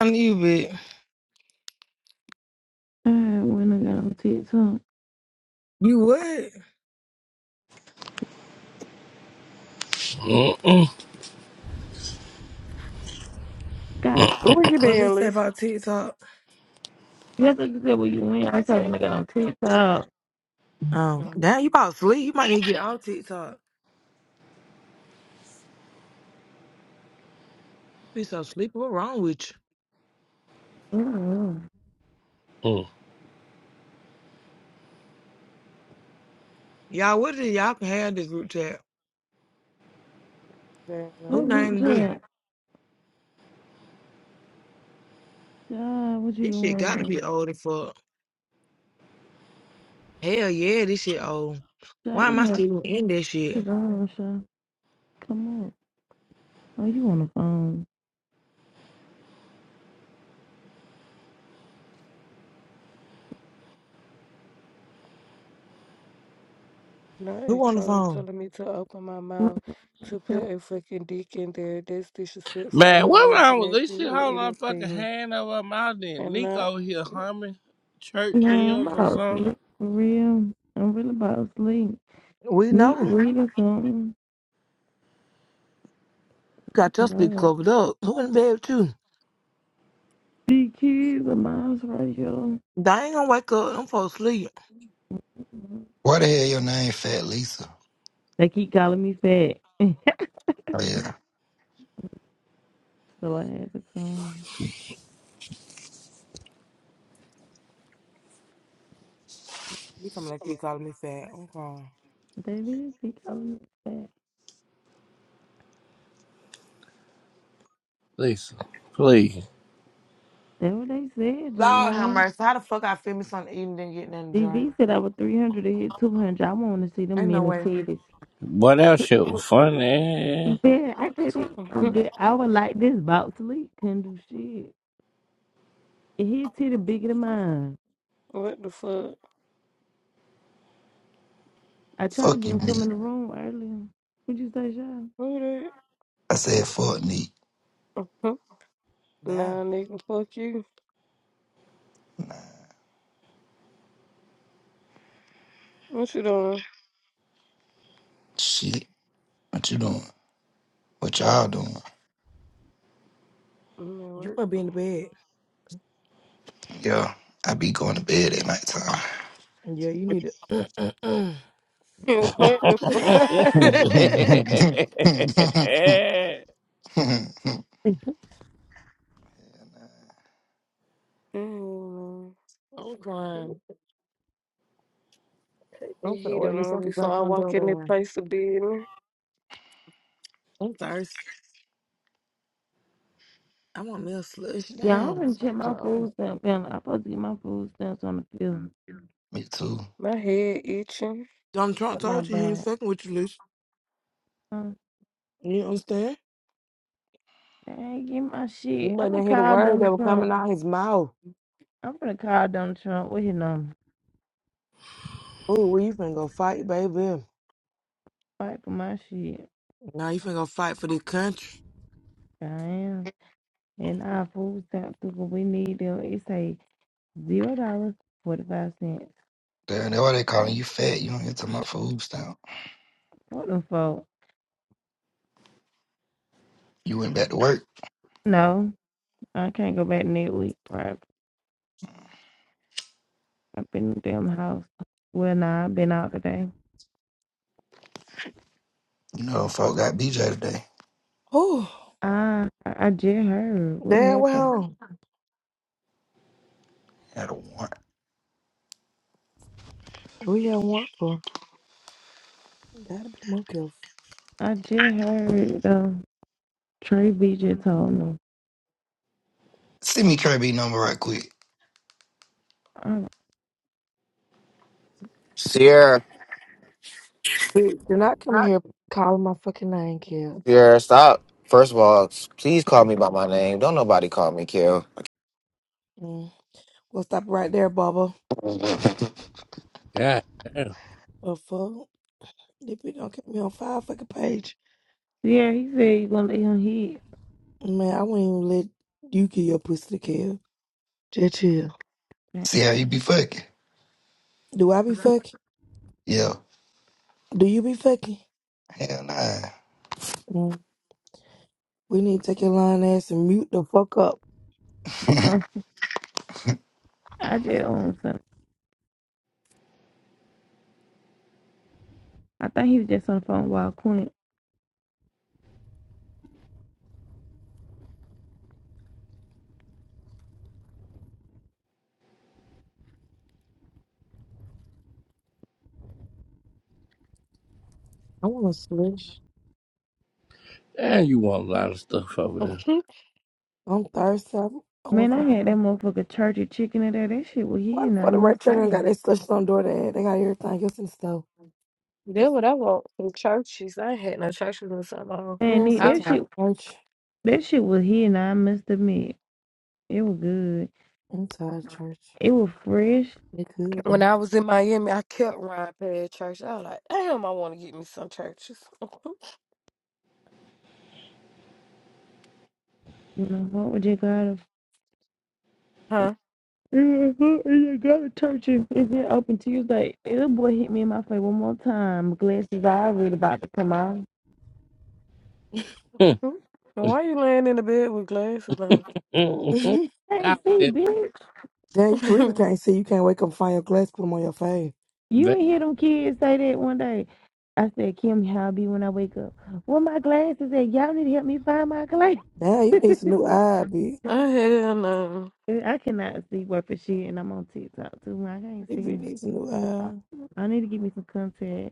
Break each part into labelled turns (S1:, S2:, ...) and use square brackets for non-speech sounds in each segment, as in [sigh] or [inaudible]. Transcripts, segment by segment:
S1: I knew it.
S2: Mm, when I got on TikTok.
S1: You would?
S3: Mm-mm-mm.
S2: God,
S4: Where you
S1: What at
S4: been,
S1: least say
S4: Lisa?
S1: about TikTok?
S2: that's what you said when you went. I told you when I got on TikTok.
S1: Um,
S4: Oh,
S1: damn, you about sleep. You might need to get off TikTok. Be so sleepy. What wrong with
S2: Mm-mm.
S1: you? Y'all, what is y'all can have this group chat?
S4: that
S2: What
S1: Who
S4: line.
S2: group
S1: named this?
S2: chat? God, what you
S1: This shit got to
S2: doing?
S1: be old as fuck. Hell yeah, this shit old. Why
S2: God, you
S1: am I
S2: must
S1: still in this
S2: be
S1: shit?
S2: gone, Sha. Come on. Oh, you on the phone.
S4: Not a
S1: Who on the
S4: troll
S1: phone?
S4: telling me to open my mouth to put a fucking dick in there. That's disrespectful. I'm
S3: Man,
S4: not
S3: what wrong
S4: laughing
S3: with
S4: at
S3: this shit?
S4: you or
S3: Hold on, fucking
S4: anything.
S3: hand over her mouth. Then
S4: And not
S3: Nico here humming church
S2: Nah, I'm
S3: hymns or
S2: about to
S3: something.
S2: sleep. For real. I'm really about to sleep.
S1: We
S2: Need
S1: know.
S2: reading something.
S1: Got your speak
S2: God.
S1: covered up. Who in bed with you?
S4: [laughs]
S2: The kids are miles right here.
S1: I ain't gonna wake up. I'm for asleep.
S5: Why the hell your name Fat Lisa?
S2: They keep calling me fat.
S5: Oh yeah.
S2: So I had to come.
S1: You talking like you calling me fat. I'm calling.
S2: Baby, keep calling me fat.
S3: Lisa, please.
S2: That's what they said,
S1: Lord have
S2: Jayon.
S1: mercy. How the fuck I feel me something eating and getting in the drink?
S2: DB said I was 300 to hit 200. I want to see them
S1: Ain't no
S2: men and
S1: way.
S2: titties.
S3: What else shit was funny?
S2: Man, I couldn't. do- I was like this box leak. Couldn't do shit. And his titty bigger than mine.
S4: what the fuck?
S2: I tried to
S5: Fuck
S2: get
S5: you,
S2: him come
S5: Neat.
S2: in the room earlier. What'd you say, Sean?
S4: Who that?
S5: I said fuck Neat.
S4: [laughs]
S1: Wow.
S4: Nah, nigga, fuck you. What you doing?
S5: Shit. What you doing? What y'all doing?
S4: I'm at
S1: You
S4: work.
S1: might
S4: [laughs]
S1: be in the bed.
S5: Yeah. I be going to bed at nighttime.
S1: Yeah, you need to. [laughs] I'm
S3: [laughs] God
S4: what the fuck?
S5: [laughs]
S4: Mm,
S1: crying.
S4: Put the
S1: I'm finna
S4: heat
S1: order you
S4: on [laughs]
S1: something
S4: before
S1: black
S4: I
S1: on
S4: walk in the
S1: DoorDash.
S4: place of business.
S1: I'm thirsty. I want me a slush
S2: Yeah, I'm
S1: down.
S2: gonna
S1: So
S2: check my
S1: close.
S2: food stamp. man. I'm supposed to get my food stamps on the field.
S5: Me too.
S4: My head itching.
S1: Donald Trump
S2: Check my
S1: told you he ain't
S2: bag.
S1: fucking with you, Lucy.
S2: Huh?
S1: You understand?
S2: They ain't get my
S1: You
S2: shit. I'm
S1: must
S2: gonna
S1: not hear the
S2: call
S1: word that
S2: Donald
S1: was coming
S2: Trump.
S1: out his mouth.
S2: I'm gonna call Donald Trump. What his number?
S1: Ooh, well, you finna go fight, baby.
S2: Fight for my shit.
S1: Now you finna go fight for this country.
S2: I am. And our food stamps too, when we need them, it say zero dollars forty five cents.
S5: Damn, that's why they calling you fat. You don't get to my food stamp.
S2: What the fuck?
S5: You went back to work.
S2: No, I can't go back next week. Probably. I've been in the damn house. Well, nah, I've been out today.
S5: You know, folk got BJ today.
S1: Oh,
S2: I I just heard what
S1: damn
S2: happened.
S1: well.
S5: Had a warrant.
S1: We have work for. Gotta be more careful.
S2: I just heard though. Trey B just told me.
S5: Send me Kirby number right quick.
S2: Uh,
S6: Sierra,
S1: Do do not come here calling my fucking name, kids.
S6: Sierra, stop. First of all, please call me by my name. Don't nobody call me Kill.
S1: Mm. We'll stop right there, Bubba.
S3: damn.
S1: Oh fuck. That bitch don't keep me on five fucking page.
S2: yeah, he said he gonna let him hit.
S1: Man, I wouldn't even let you get your pussy to kill. Just chill.
S5: See how you be fucking.
S1: Do I be fucking?
S5: Yeah.
S1: Do you be fucking?
S5: Hell nah.
S1: Mm. We need to take your lying ass and mute the fuck up.
S2: Uh, [laughs] I just owned something. I think he was just on the phone while Quint.
S1: I want to slush.
S3: Damn, you want a lot of stuff
S4: [laughs]
S3: over
S1: I'm thirsty. I I
S2: Man,
S1: want
S2: I
S1: some.
S2: had that motherfucker churchy chicken in there. That shit was
S1: Why the
S2: hitting. I
S1: fuck the right
S2: must
S1: trigger ain't
S2: say.
S1: got that slush on door there? They got everything else in the store.
S4: That's what I want from churches. I ain't had no churches in so long.
S2: Man,
S1: Oh, I'm
S2: Nick,
S1: so
S4: I
S2: that
S1: tired.
S2: shit,
S1: of
S2: that shit was here, and I must admit, it was good.
S1: I'm tired, church.
S2: It was fresh.
S1: You could
S4: when
S1: though.
S4: I was in Miami, I kept riding past church. I was like, damn, I want to get me some churches. [laughs]
S2: You know, what would you gotta?
S4: huh?
S2: Yeah, what would You gotta touch it. It's been open Tuesday. Little boy hit me in my face one more time. Glasses I already about to come out.
S3: there.
S4: Why you laying in the bed with glasses on?
S3: [laughs]
S1: [laughs]
S2: Hey,
S3: that
S2: see,
S3: was
S2: bitch,
S1: Damn, you really
S4: [laughs]
S1: can't see. You can't wake up and find your glass, put them on your face.
S2: you
S3: it.
S2: ain't hear them kids say that one day. I said, Kim, how I be when I wake up? Where my glasses at? Y'all need to help me find my glasses.
S1: Damn, you need some new eye, bitch.
S4: I had um,
S2: [laughs] I cannot see worth a shit, and I'm on TikTok too. I can't
S1: You
S2: see.
S1: bitch needs some new eye.
S2: I need to give me some contact.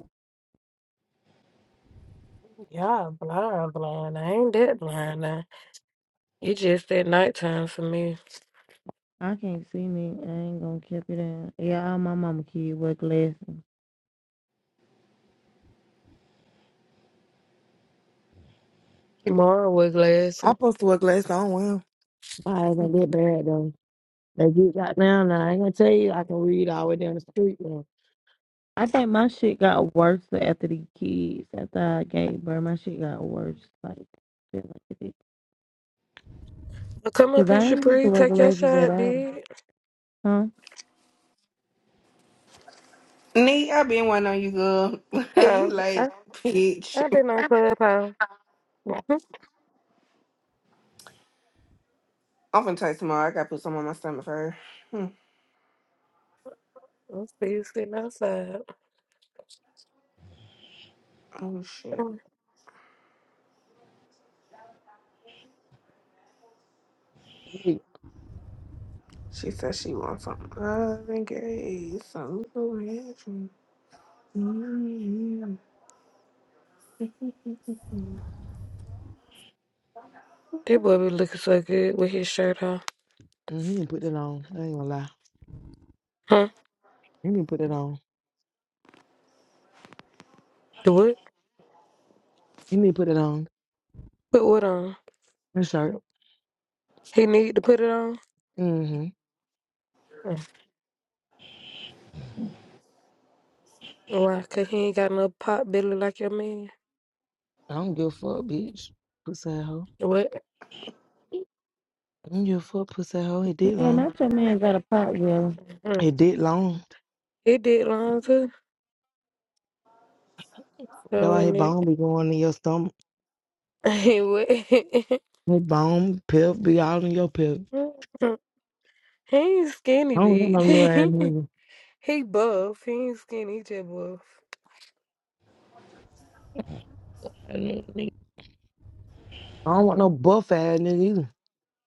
S4: y'all blind, blind. I ain't that blind It just that nighttime for me.
S2: I can't see me. I ain't gonna keep it in. Yeah, all my mama kid was last.
S4: Tomorrow with glasses.
S1: I supposed to wear glasses. I don't wear 'em. My eyes ain't that bad though. They get got down now. I ain't gonna tell you I can read all the way down the street now.
S2: I think my shit got worse after the kids. After I gave birth, my shit got worse. Like, shit like it did.
S4: Well, come up
S2: Cause
S4: here,
S2: I ain't used to
S4: Shapri.
S2: work
S4: Take your
S2: lasers at
S4: shot,
S2: all.
S4: big.
S2: Huh?
S7: Nee, I been waiting on you, girl. [laughs] you
S4: Oh,
S7: like,
S4: I,
S7: bitch.
S4: I've been on Clubhouse. [laughs] I
S7: I'm finna taste tomorrow. I gotta put some on my stomach first. Hmm.
S4: see you sitting outside.
S7: Oh, shit.
S4: That
S1: Wait,
S7: She said she wants some other gay, some She, [sighs]
S4: boy be looking so good with his shirt on.
S1: mm, you didn't put that on. I ain't gonna lie.
S4: Huh?
S1: You didn't put that on.
S4: The what?
S1: You need to put it on.
S4: Put what on?
S1: That shirt.
S4: He need to put it on?
S1: Mm-hmm.
S4: Mm. Why? Because he ain't got no pot belly like your man.
S1: I don't give a fuck, bitch. Pussy ass hoe.
S4: What?
S1: I don't give a fuck, pussy ass hoe. It did
S2: Yeah,
S1: long.
S2: not your man got a pot belly.
S4: Mm.
S1: It did long.
S4: He did long too.
S1: That's
S4: So,
S1: why his
S4: wasn't it?
S1: bone be going in your stomach.
S4: [laughs] He what?
S1: His bone, pip, be all in your pip.
S4: [laughs] He ain't skinny,
S1: I don't want no little
S4: bitch. [laughs]
S1: ass nigga.
S4: He buff. He ain't skinny. He just buff.
S1: I don't need- I don't want no buff ass nigga either.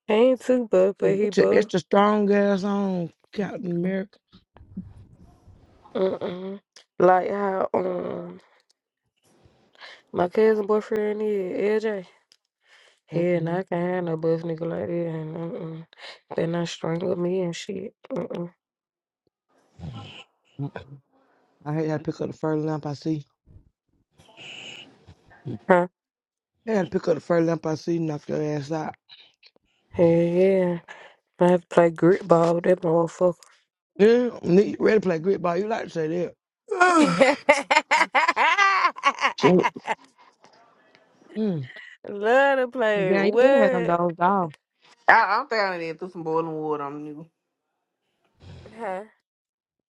S4: He ain't too buff, but he
S1: Put your
S4: buff.
S1: extra strong ass on, Captain America.
S4: Mm-mm. Like how um my cousin boyfriend is LJ. Hell, nah,
S1: hmm
S4: I can't have no buff nigga like that. And mm-mm. They not strangle me and shit. Mm-mm.
S1: I hate how to pick up the first lamp I see.
S4: Huh?
S1: I had to pick up the first lamp I see, knock your ass out.
S4: Hell yeah. I have to play grip ball with that motherfucker.
S1: Yeah, nigga, you ready to play grit ball. You like to say that.
S4: [laughs]
S1: Mm.
S4: Love to play
S1: Yeah, you could have had them
S4: what?
S1: dogs off.
S7: I, I don't think I did threw some boiling water on you
S4: Huh?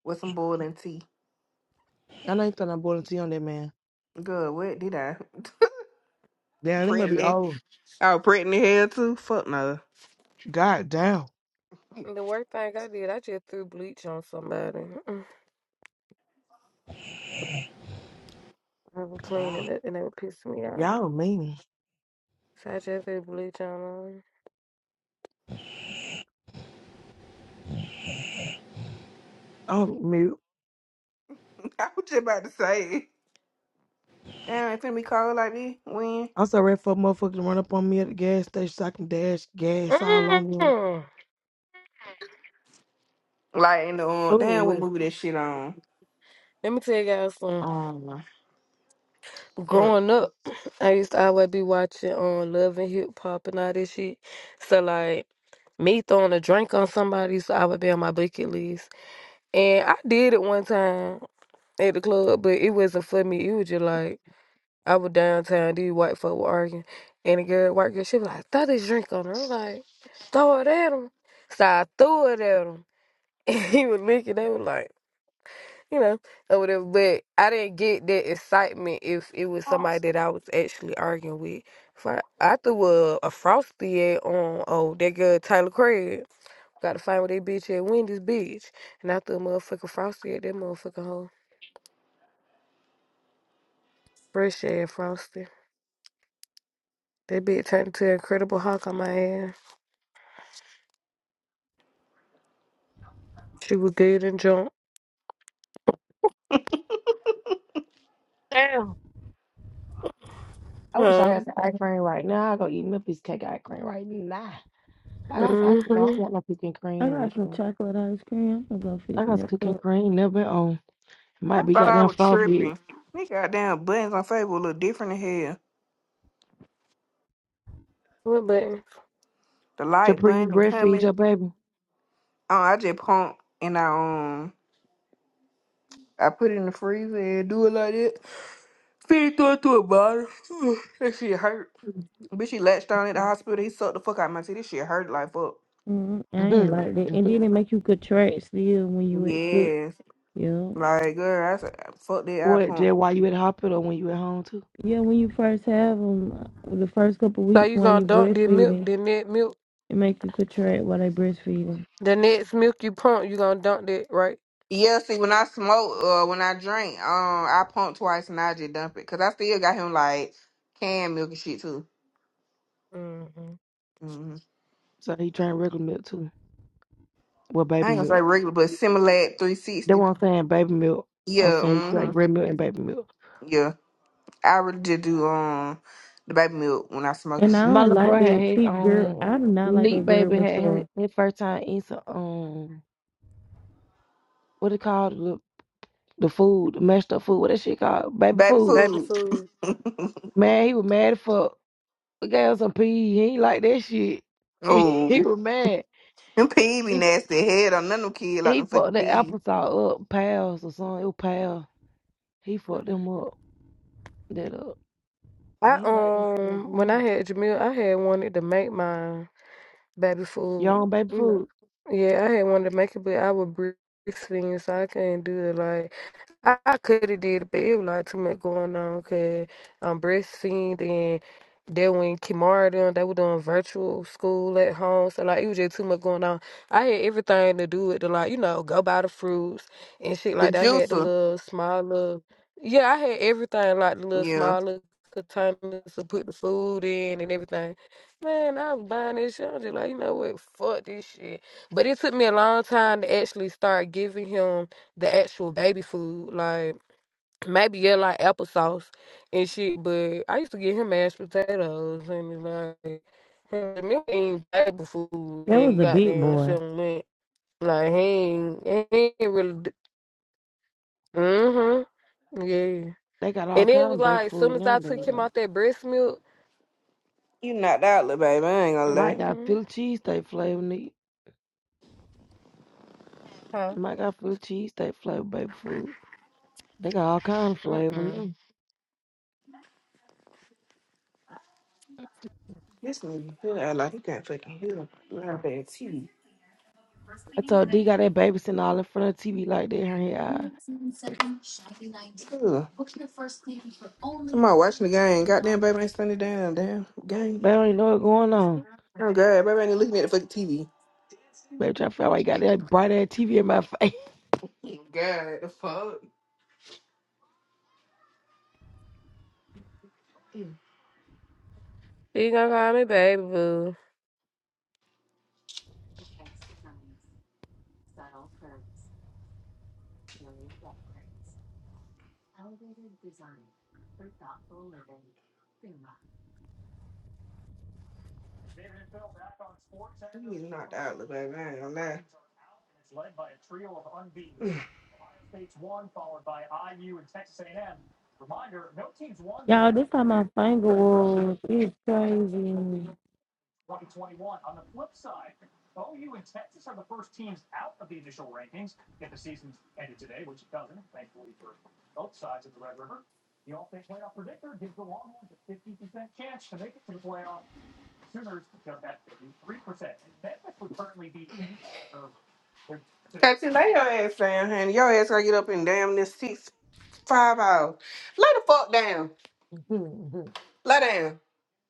S7: with some boiling tea.
S1: I know you thought I boiled tea on that man.
S7: Good, what did I? [laughs]
S1: Damn, they must be
S7: pregnant.
S1: old.
S7: I was pregnant hell too. Fuck no.
S1: God damn.
S4: The worst thing I did, I just threw bleach on somebody. I was cleaning
S1: Wow.
S4: it and it would piss me off.
S1: Y'all mean.
S4: So I just said bleach on
S1: Oh, mute.
S7: [laughs] I was just about to say. it. Damn, it's gonna be cold like this. When?
S1: I'm so ready for a motherfucker to run up on me at the gas station so I can dash gas all on you.
S4: Mm.
S7: Like in the um, damn what
S4: Ooh. [laughs]
S7: movie that shit on?
S4: Let me tell you guys something.
S7: Um fuck.
S4: Growing up, I used to always be watching on Love and Hip Hop and all this shit. So like me throwing a drink on somebody, so I would be on my bucket list. And I did it one time at the club, but it wasn't for me. It was just like I was downtown, these white folk were arguing, and the girl, white girl, she was like, throw this drink on her. I'm like, throw it at him. So I threw it at him, [laughs] and he was licking. They were like, you know, or whatever. But I didn't get that excitement if it was somebody that I was actually arguing with. If I, I threw a, a frosty at on, oh, that girl, Tyler Craig. Got to find with that bitch at Wendy's, bitch. And I threw a motherfucking frosty at that motherfucking hoe. Fresh ass frosty. That bitch turned into an Incredible Hulk on my ass. She was good and drunk.
S1: Damn. I wish I
S4: Huh?
S1: had some ice cream right now. I go eat me a piece of cake ice cream right now. I got some ice cream. I ain't
S4: Mm-hmm.
S1: got no piece of
S2: I
S1: cream with
S2: got some
S1: me.
S2: chocolate ice cream. I'm gonna go
S1: I
S2: fix me
S1: got
S2: a
S1: cooking
S2: cup.
S1: cream, never been on.
S7: I
S1: Might be
S7: thought I
S1: goddamn
S7: was
S1: strawberry.
S7: tripping. These goddamn buttons on Facebook look different in hell.
S4: What button?
S7: The like
S1: Capri you
S7: button and
S1: breastfeed
S7: coming.
S1: your baby.
S7: Oh, I just pump and I um I put it in the freezer and do it like that. Feed it through it to a bottle. [sighs] that shit hurt. Bitch, he latched on at the hospital. He sucked the fuck out of my teeth. This shit hurt like fuck.
S2: mm I ain't like that. And
S1: [laughs]
S2: then it make you contract still when you at sick.
S7: Yes.
S2: Yeah.
S7: Like girl, I said fuck that eye
S1: what,
S7: pump.
S1: Jay, why you at the hospital when you at home too?
S2: Yeah, when you first have them, the first couple
S4: So
S2: weeks
S4: you
S2: when
S4: gonna
S2: you
S4: dunk the milk,
S2: breastfeeding.
S4: the next milk,
S2: It make you contract while they breastfeeding.
S4: the next milk you pump, you gonna dunk that, right?
S7: Yeah, see, when I smoke, uh, when I drink, um, I pump twice and I just dump it. Cause I still got him like canned milk and shit too.
S4: Mm-hmm.
S7: hmm
S1: So he drank regular milk too. Well,
S7: I
S1: baby
S7: ain't gonna say
S1: milk.
S7: regular, but Similac
S1: That
S7: 360.
S1: what I'm saying, baby milk. I'm saying he
S7: Yeah,
S1: drank
S7: hmm
S1: bread milk and baby milk.
S7: yeah. I really just do um the baby milk when I smoke and
S2: And I
S7: shit.
S1: My
S2: don't
S1: little
S2: like
S1: bro had
S2: that
S1: his
S2: cheap girl.
S1: um
S2: I do not like
S1: neat
S2: that girl
S1: baby
S2: with
S1: had had
S2: the
S1: his first time eating some um what it called the the food, the mashed up food, what that shit called? Baby
S7: Baby
S1: food.
S4: Baby
S7: food.
S4: food.
S1: Man, he was mad as fuck. We gave him some pee. He ain't like that shit. [laughs] he
S7: Oh,
S1: was mad.
S7: them pee be
S1: He
S7: nasty head on none of them kids like
S1: he
S7: them fucking
S1: fucked the
S7: pee.
S1: applesauce up, pals or something. It was pals. He fucked them up. That up. They
S4: I
S1: ain't like that damn
S4: um, when I
S1: food.
S4: had Jamil, I had wanted to make my baby food.
S1: Young baby
S4: You know,
S1: food.
S4: yeah, I had wanted to make it, but I was breastfeeding, so I couldn't do it. like, I, could have did it, but it was like too much going on because I'm breastfeeding and then when Kimara done, they were doing virtual school at home. So like it was just too much going on. I had everything to do with the like, you know, go buy the fruits and shit
S7: The
S4: like that. I had the
S7: juicer.
S4: little small little yeah, I had everything like the little
S7: Yeah,
S4: small little containers to put the food in and everything. Man, I was buying this shit. I'm just like, you know what, fuck this shit. But it took me a long time to actually start giving him the actual baby food, like maybe yeah, like applesauce and shit. But I used to get him mashed potatoes and it's like hmm, the him ain't baby food
S2: That was
S4: that
S2: a big
S4: goddamn
S2: boy.
S4: something went. Like he ain't, he ain't really. Mm hmm. Yeah.
S1: They got all
S4: And it
S1: kind
S4: was
S1: of baby
S4: like,
S1: food
S4: soon as I took
S1: nowadays
S4: him
S1: though.
S4: out that breast milk,
S7: you knocked out, little baby. I ain't gonna
S1: Mike
S7: lie.
S4: mm
S1: got
S4: hmm.
S1: Philly cheesesteak flavor in it.
S4: Huh?
S1: Mike got Philly cheesesteak flavor baby food. They got all kind of
S4: Mm
S1: flavor
S4: mm.
S1: now.
S7: This nigga, He I like he got fucking hell. You have bad teeth.
S1: I told D got that baby sitting all in front of the TV like that. Her here, eye.
S7: Ugh. I'm out watching the game. Goddamn, baby ain't standing down. Damn game.
S1: Baby don't even know what's going on.
S7: Oh god, baby ain't looking at the fucking TV.
S1: Baby trying to figure out why he got that bright ass TV in my face.
S7: God, the fuck.
S4: She gonna call me baby boo.
S7: You getting knocked out, little baby. I ain't gonna lie.
S2: Y'all, this time my finger was it's crazy.
S7: [sighs] Got to lay your ass down, honey. Your ass gotta get up in damn this six five hours. Lay the fuck down.
S1: [laughs]
S7: Lay down.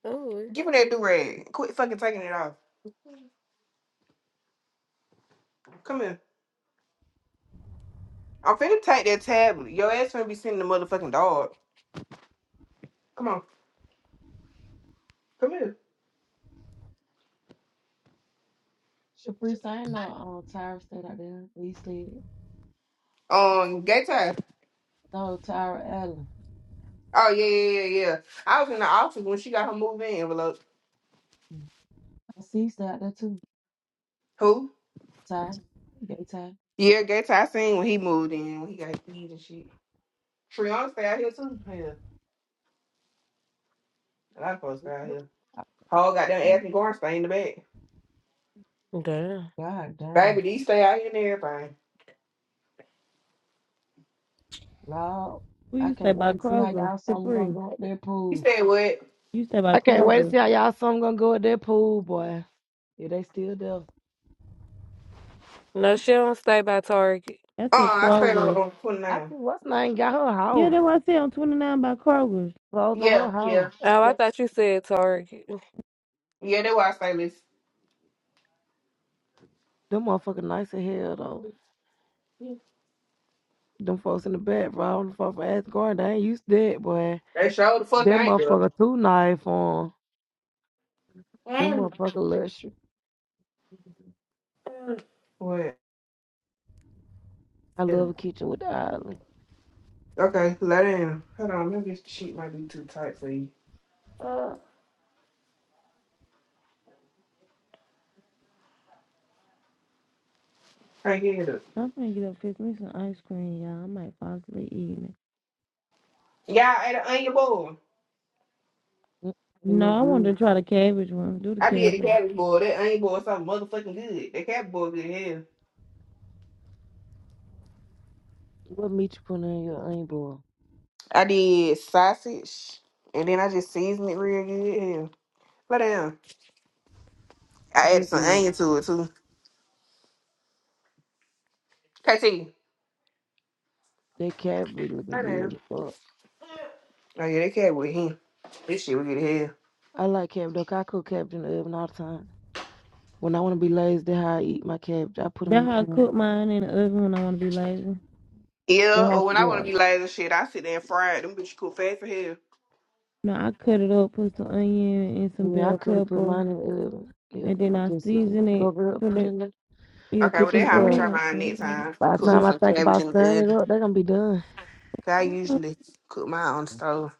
S4: Ooh.
S7: Give me that do rag. Quit fucking taking it off. Come here. I'm finna take that tablet. Your ass finna be sending the motherfucking dog. Come on. Come here.
S1: Shapri, I know um, Tyra stayed out there. We stayed.
S7: Um, gay time.
S1: No, Tyra Allen.
S7: Oh yeah, yeah, yeah, yeah. I was in the office when she got her move in envelope.
S1: Mm. I see she's out there too.
S7: Who?
S1: Ty. Gay Ty.
S7: Yeah, gay time. I seen when he moved in when he got keys and shit. Triana stay out here too. Yeah, a lot of folks stay out
S1: [laughs]
S7: here.
S1: I-
S7: Whole goddamn Anthony Gordon stay in the back.
S4: Damn.
S1: God
S7: Baby,
S1: damn.
S7: these stay out here and everything.
S1: Lord.
S2: We
S1: I
S2: used to stay
S1: can't
S2: by
S1: wait to see how
S2: Kroger,
S1: y'all something gonna
S2: Capri.
S1: go at their
S7: He
S1: pool.
S7: stay what?
S2: You stay by
S1: I can't wait to
S2: Kroger.
S1: see how y'all some gonna go at their pool, boy. Yeah, they still there.
S4: No, she don't stay by Target.
S2: I
S7: Uh,
S2: said
S7: I stayed on,
S2: Kroger.
S7: on
S1: I
S7: 29.
S1: think what's name got her
S2: Yeah,
S1: hoe?
S2: that's what I said. I'm 29 by Kroger.
S1: Closed on
S7: Yeah,
S1: her
S7: yeah,
S1: hoe?
S4: Oh, I thought you said Target.
S7: yeah. That's why I stay this.
S1: Them motherfucking nice as hell though. Them folks in the back, bro. Them folks for Asgard, they ain't used to that, boy.
S7: They showed the fuck
S1: That
S7: ain't there.
S1: motherfucker too knife on. Them motherfucker luxury.
S7: What?
S1: I
S7: Yeah.
S1: love a kitchen with the island.
S7: Okay, let in. Hold on, maybe this sheet might be too tight for you. Hang it up.
S2: I'm gonna get up, and fix me some ice cream, y'all. I might possibly eat it.
S7: Y'all ate an onion bowl.
S1: It it
S2: No,
S1: look
S2: I wanted
S1: good.
S2: to try the cabbage one. Do the
S7: I did the
S2: cabbage.
S7: cabbage bowl. That onion bowl is something motherfucking good. That cabbage bowl good as hell.
S1: What meat you put in your onion bowl?
S7: I did sausage, and then I just seasoned it real good. as Hell, lay down. I
S1: It
S7: added
S1: look
S7: some
S1: good.
S7: onion to it too. KT, lay
S1: That cab be looking
S7: down.
S1: good. Fuck.
S7: Oh yeah, that cabbage with him. This shit was good as hell.
S1: I like cabbage. though. 'cause I cook cabbage in the oven all the time. When I want to be lazy, that's how I eat my cabbage. I put them in
S2: That's
S1: the
S2: how I
S1: pan.
S2: cook mine in the oven when I want to be lazy.
S7: Yeah,
S1: Then I,
S7: or when I
S1: yeah,
S7: want to be lazy as shit, I sit there and fry it. Them bitches cook fast for hell.
S2: No, I cut it up, put some onion and some
S1: yeah, I
S2: bell
S1: could have put
S2: pepper,
S1: mine in the oven. Yeah,
S2: and then I
S1: just sit and
S2: season it.
S1: cover it up,
S2: Put
S1: put it
S2: it,
S1: in there.
S2: yeah,
S7: Okay,
S2: put
S7: well
S1: cook
S7: that's
S2: some
S1: it
S7: how I'm gonna
S1: stuff.
S7: try
S2: butter.
S7: mine
S2: on
S7: next
S2: it.
S7: time.
S1: By the
S7: Cooking
S1: time
S2: Yeah,
S1: I
S7: some
S1: think
S7: cabbage
S1: about
S7: in the
S1: stirring
S7: oven.
S1: it up,
S7: 'Cause
S1: they're gonna be done.
S7: I usually cook mine on the stove,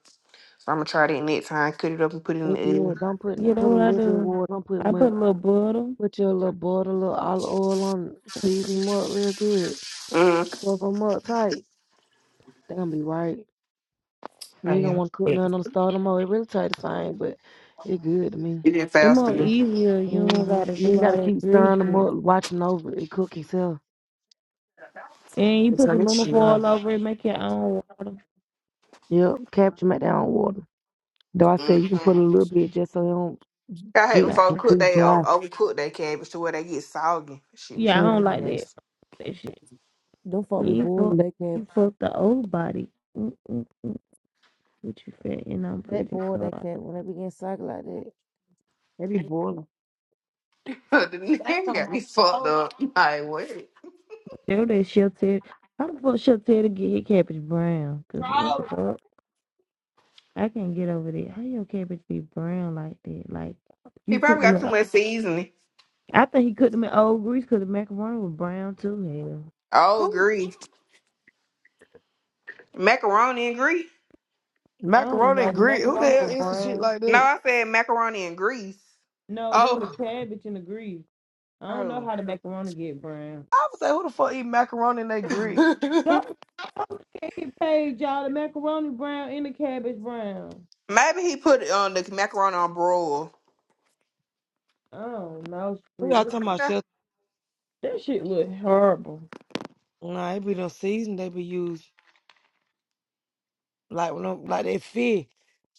S7: so I'm gonna try that next time. Cut it up and put it in
S1: They good. Don't put
S2: yeah, that's
S1: put a
S2: what I
S1: little bit of
S2: do.
S1: water. Don't put
S2: I put
S1: much.
S2: a little butter.
S1: Put your little butter, little olive oil on. it, Season them up real good.
S7: the oven.
S1: Cover them up tight. They gonna be right. You
S7: I
S1: ain't gonna
S7: am.
S1: want to cook
S7: Yeah.
S1: nothing on the stove no more. It really tastes the same, but it good to me.
S7: It did
S2: It's
S7: fast
S2: more
S7: to
S2: easier. You don't
S1: hmm
S2: gotta do
S1: You ain't
S2: all
S1: gotta
S2: that
S1: keep
S2: grease
S1: stirring them
S2: shit.
S1: up, watching over it, it cook itself.
S2: And you
S7: It's
S2: put
S7: on
S2: some
S7: this
S2: lemon
S7: shit,
S2: foil
S7: huh?
S2: all over it, make your own water.
S1: Yep, capture them at their own water. Though I said you can put a
S7: Mhm.
S1: little bit just so it don't
S7: I hate when
S2: Yeah,
S7: folks
S1: get be
S7: cook they o-
S1: dry.
S7: overcook their cabbage to where they get soggy. Shit be
S2: yeah,
S7: so
S2: I don't
S7: freaking
S2: like
S1: hmm
S2: that
S7: nasty.
S2: that shit.
S1: Them folk be
S2: You
S1: boiling
S2: fuck,
S1: they
S2: you
S1: cabbage.
S2: fuck the old body. Mm-mm, what you fat and I'm
S1: They
S2: pretty
S1: boil
S2: sorry.
S1: they cabbage when they begin cycle like that. They be boiling.
S7: [laughs] the
S1: They
S7: nigga
S1: don't
S7: got me
S1: want
S7: fucked
S1: to
S7: up. [laughs] Like what?
S2: There that she'll tear. How the fuck shell will tear to get his cabbage brown? Cause what the
S1: throw.
S2: fuck? I can't get over that. How your cabbage be brown like that? Like
S7: He
S2: you cooked
S7: probably
S2: them.
S7: got too
S2: in-
S7: much seasoning.
S2: I think he cooked them in old grease. Cause the macaroni was brown too. Hell,
S7: Oh,
S1: Who
S7: grease. Macaroni and grease.
S2: I don't even
S1: macaroni
S2: know
S1: and
S2: the
S1: grit? Who the
S2: macaroni
S1: hell
S2: was
S1: eats some shit
S2: brown.
S1: like
S7: No,
S1: that?
S7: I said macaroni and grease.
S2: No, there was a
S1: Oh,
S2: cabbage in the grease. I don't know
S7: Oh.
S2: how the macaroni get brown.
S1: [laughs] I would say who the fuck eat macaroni and they grit?
S7: [laughs]
S2: Don't don't get it paid, y'all. The macaroni brown and the cabbage brown.
S7: Maybe he put it on the macaroni on broil.
S2: I don't know,
S1: We
S2: Spree. That
S1: all talking about
S2: shit,
S7: Nah.
S1: shelter.
S2: that shit look horrible.
S1: Nah, it be no season they be used like when them, like that fish.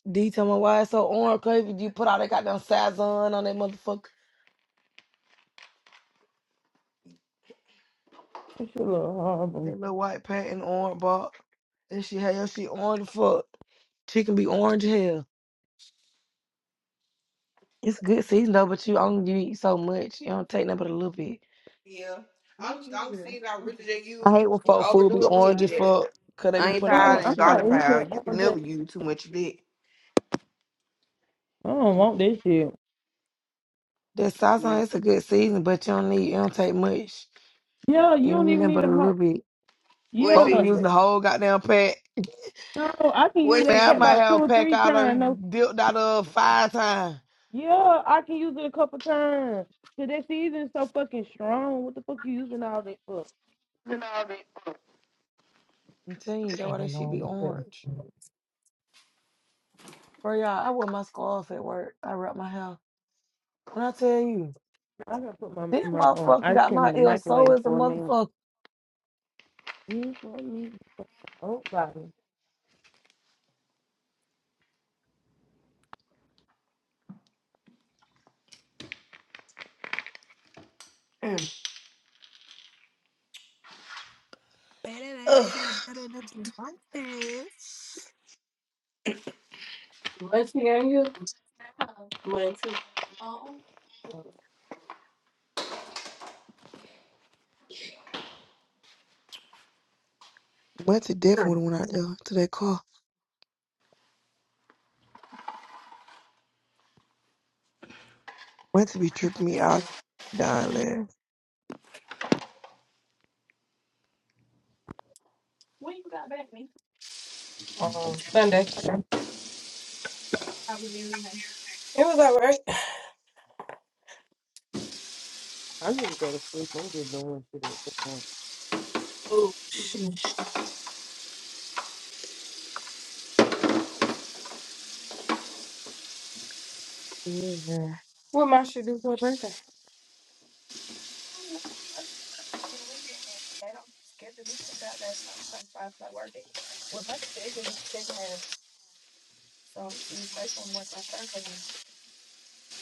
S1: D tell me why it's so orange. Cause if you put all that goddamn Sazon on that motherfucker,
S2: That shit look horrible.
S1: that little white paint and orange box. And she hell, she orange the fuck. She can be orange as hell. It's good season though, but you only you eat so much. You don't take nothing but a little bit.
S7: Yeah. I'm I'm saying I really just
S1: I hate
S7: use
S1: when folk food
S7: overdo
S1: be
S7: it with
S1: orange as
S7: it.
S1: fuck, cause they be
S7: Onion
S1: putting all
S2: Uh,
S7: powder
S1: that
S2: I'm
S7: and
S1: shit
S2: not
S7: garlic
S1: on it.
S2: even
S7: powder. You can
S2: on this.
S7: never use too much of it.
S2: I don't want this shit.
S1: That Sazon, it's a good season, but you don't need, you don't take much.
S2: Yeah, you
S1: You
S2: don't
S1: don't need
S2: even
S1: nothing
S2: need
S1: but
S2: to
S1: a
S2: help.
S1: little bit.
S7: What's
S1: Folk be
S2: Yeah,
S7: eating?
S1: using the whole goddamn pack.
S2: no, I can use
S7: What's
S1: Man,
S2: that
S1: I
S2: pet
S7: eating?
S1: might
S2: about two
S1: have a
S2: or
S1: pack
S2: three
S1: out
S2: times. No,
S1: and dipped out of five times.
S2: yeah, I can use it a couple times. Cause that season is so fucking strong. What the fuck you using all that for?
S7: Mm.
S1: I'm telling you, that's
S4: I
S1: why that
S4: don't
S1: shit
S4: know.
S1: be
S4: what to
S1: orange.
S4: say.
S1: Bro, y'all, I wear my scarf at work. I wrap my hair. When I tell you,
S2: I gotta put my
S1: this
S2: my uh,
S1: motherfucker
S2: ice
S1: got
S2: cream
S1: my
S2: in the
S1: ear so
S2: microwave
S1: as a
S2: for a minute.
S1: motherfucker.
S2: Yes, let me. Oh, body.
S1: Better
S7: Ugh.
S1: ass and I'm better than two monkeys.
S4: Munchie, are you? Huh? Munchie. Uh-uh.
S1: Went to death when I went out there to that car. Went to be tripping me out. Dying last.
S4: When you got back, me? Um, Sunday. How was everything? It was all right.
S2: I need to go to sleep. I'm just doing shit at this point.
S4: Oh, shoot. Yeah. What my should do for a birthday? I don't know. I Must be Something weekend. They don't schedule me for Saturday. and I'm trying to find my work day. Well, Munchie said he'll do the second half. So I'm going to see you try some work my third half.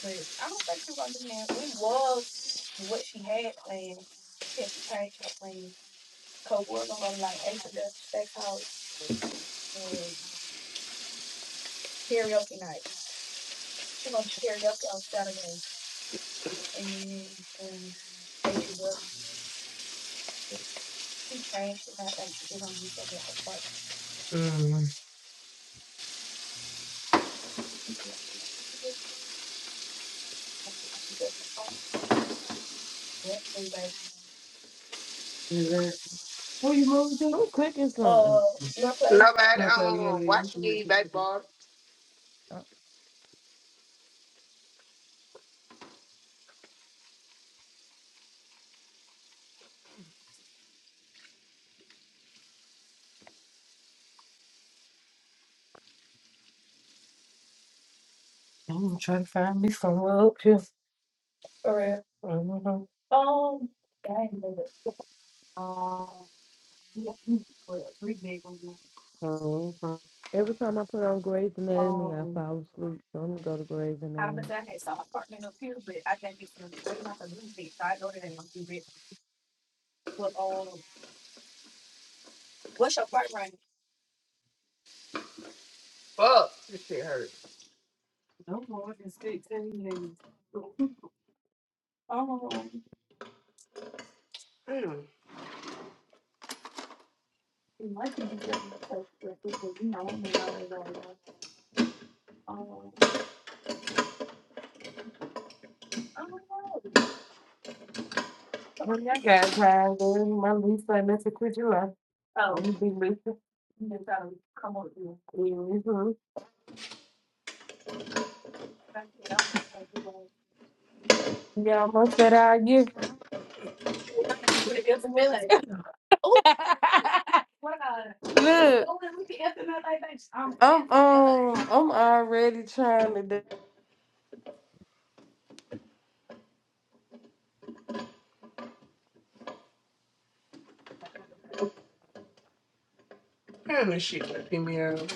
S4: But I don't think she was gonna do that. We was what she had planned. She had to change her plan. Cause we're gonna go to like H and W Steakhouse and karaoke night. She gonna do karaoke on Saturday and then um H and W. She changed it. I think she just gonna do something at her apartment. Mm. What do Mhm. Where you moving to?
S2: I'm cooking
S4: Uh,
S2: something.
S4: North Place.
S7: Nobody. I
S4: No, place.
S7: don't
S4: yeah, yeah, you
S7: watch
S4: can read
S7: me
S4: it.
S7: baseball.
S2: Uh,
S4: I'm trying to find me somewhere up here. All right. Mm-hmm. Um, yeah, I know it. Um, yeah, well, it's three big ones. Mm-hmm.
S2: Every time I put on Grey's Anatomy, I
S4: Um,
S2: fall asleep. So I'm gonna go to Grey's
S4: I
S2: Anatomy.
S4: was at his apartment up here, but I think it's from way like a little bit. So I know that ain't gonna be big. Well, um, what's your part range?
S7: Fuck.
S4: No more than sixteen [laughs] Um,
S7: Mm.
S4: it might be seven, but, but, you know, when I was on, um, I don't know. Well, you guys have been my Lisa and Mr. Kujula. Oh. You be Lisa. Come on. Mm-hmm. Yeah, most that I give. But it gets a minute. [laughs] Look. I'm, I'm, um, I'm already trying to. do-
S7: Kind of shit like me out.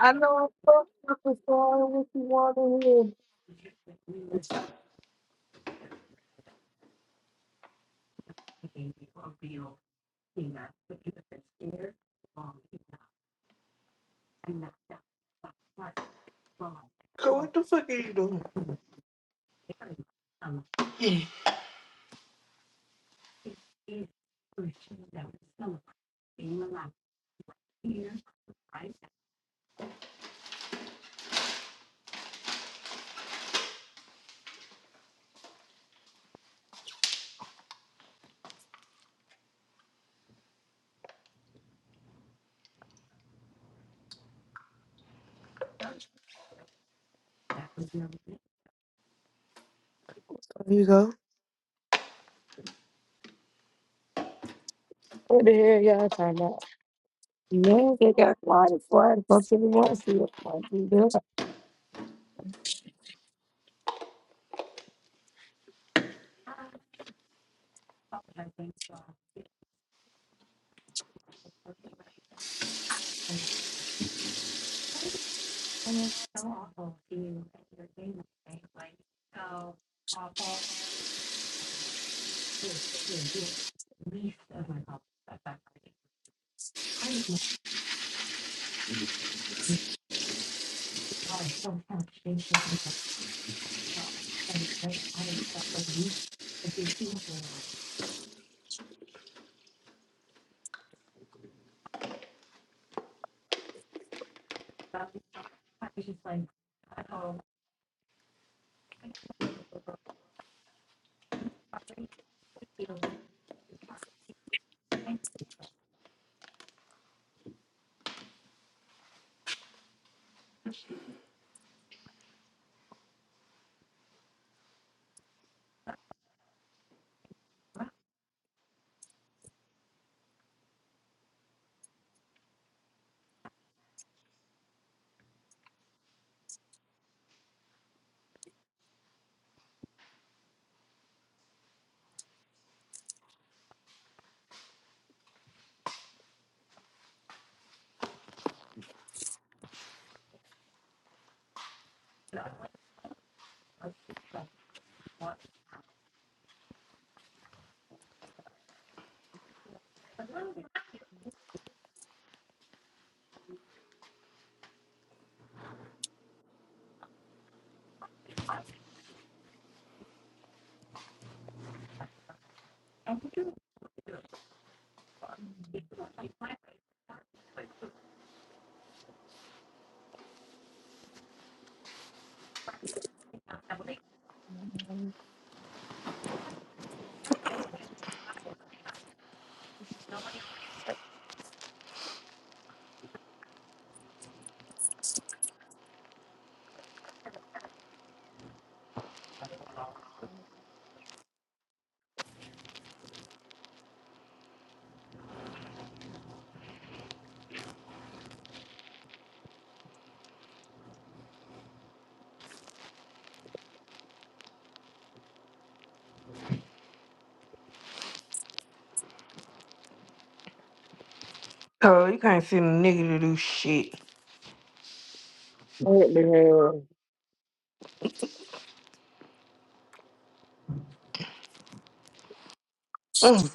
S1: I know I'm fucking up as far as what you want to
S7: So what the fuck are you doing? [clears throat]
S1: hear. There you go.
S4: What the hell y'all talking about?
S1: Yeah, they got quiet as far as fucking wants to. see it,
S7: Mm. Oh, you can't send a nigga to do shit.
S4: What the hell?
S7: Mm.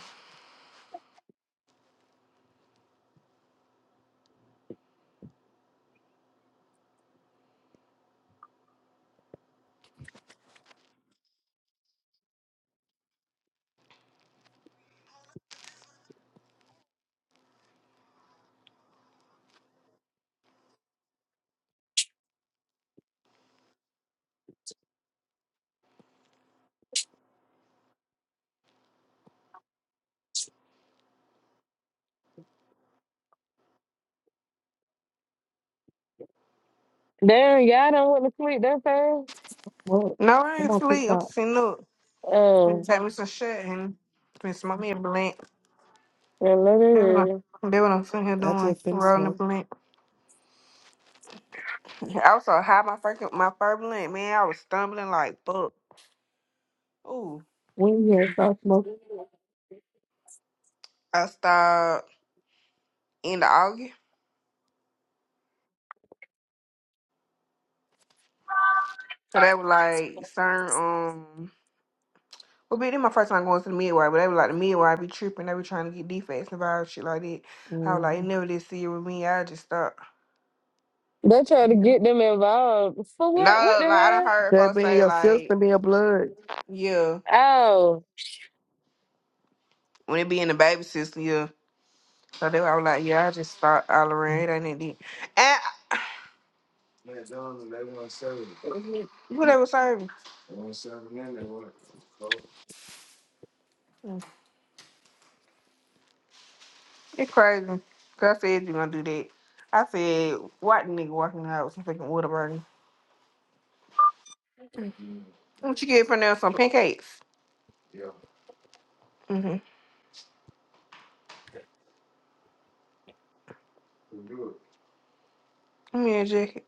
S4: Damn, y'all don't want to sleep that fast?
S1: Well,
S7: No, I
S1: I'm
S7: ain't
S1: gonna keep
S7: sleep. I'm
S1: up.
S7: sitting up. Let me
S4: Oh,
S7: take me some shit and smoke me a blunt.
S4: well, let me
S7: That's what I'm,
S4: read.
S7: that's what I'm sitting here
S1: I
S7: doing.
S1: just finished
S7: Rolling a
S1: smoking.
S7: blunt. I was so high, my freaking my furblin, man, I was stumbling like fuck. Ooh,
S1: When you start smoking,
S7: I stopped in the August. Cause they were like, certain um, well, be then my first time going to the midwife, but they were like the midwife be tripping, they be trying to get defects and vials, shit like that. I was like, it
S1: mm
S7: never did see it with me. I just stopped.
S4: They try to get them involved. For what? What
S7: No,
S4: the
S7: like I done
S4: hell?
S7: heard
S1: that
S7: folks
S1: be in
S7: say
S1: your
S7: like,
S1: system, be in your blood.
S7: yeah,
S4: Oh.
S7: when it be in the baby system, yeah. So they were I was like, yeah, I just stopped all around. It ain't that deep. And uh,
S4: Yeah.
S7: whatever serving. It's crazy. Girl said you gonna do that. I said, what nigga walking out with some fucking water burning? What you get from there? Some pancakes. Mm-hmm. Give me a jacket.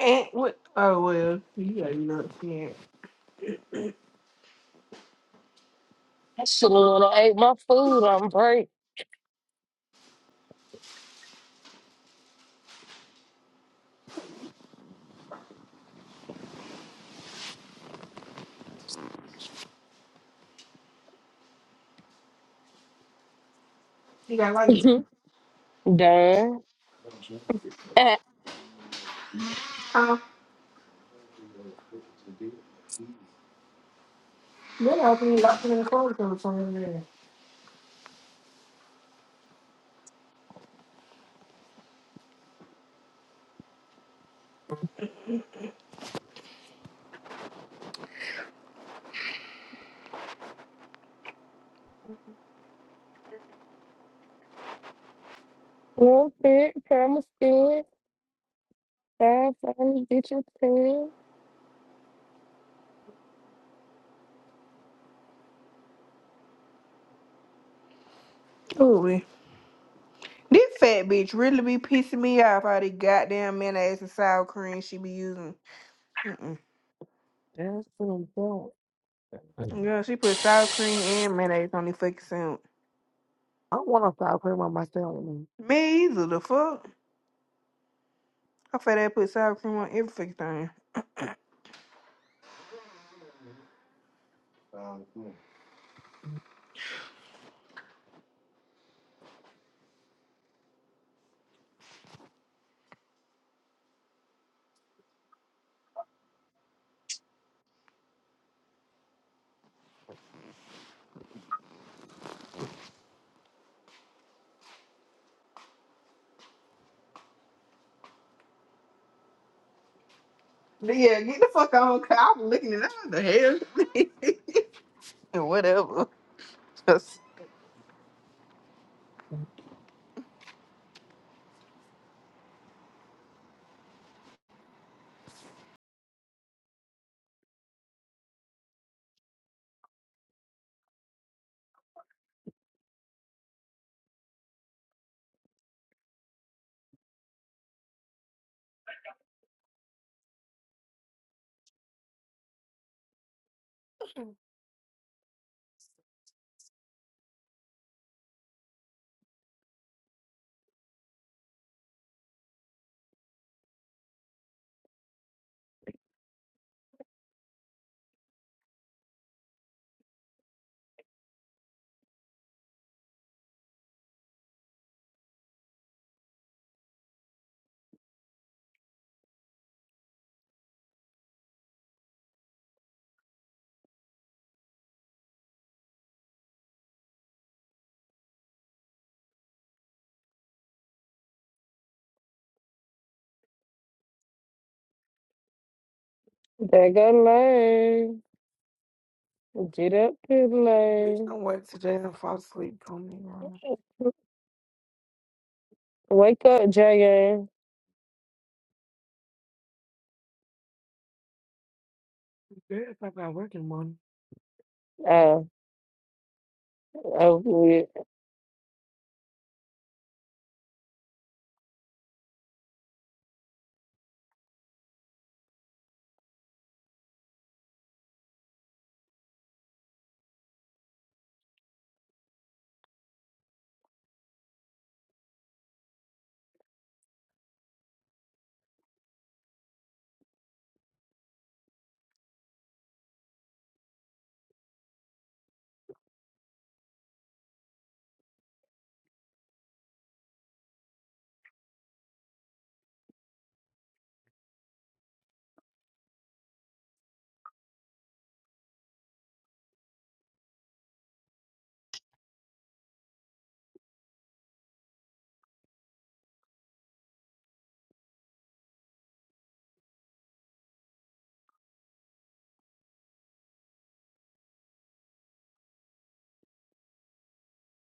S7: And what? Oh well, you got nothing. know yeah.
S4: I should have ate my food on break.
S7: You got
S4: [laughs]
S7: lights.
S4: Done. [laughs]
S7: Uh, then I open it up in the closet or something like that.
S4: One pick, promise good. Five, five, get your ten.
S7: Ooh, wee. This fat bitch really be pissing me off. All the goddamn mayonnaise and sour cream she be using. Mm-mm.
S1: That's what I'm saying. Mhm.
S7: Girl, she put sour cream and mayonnaise on the fucking sandwich.
S1: I want to stop putting on myself. Man.
S7: Me either. The fuck? I fat ass put sour cream on every fucking thing. Yeah, get the fuck on. 'cause I was looking at it, I was the hell. [laughs] Whatever. Just
S4: There go lane. Get up to the
S1: Bitch,
S4: lane.
S1: don't wait till Jay and fall asleep. Come
S4: Wake up, J.A.
S1: here. Girl, if I got work in the morning.
S4: Oh, oh, yeah.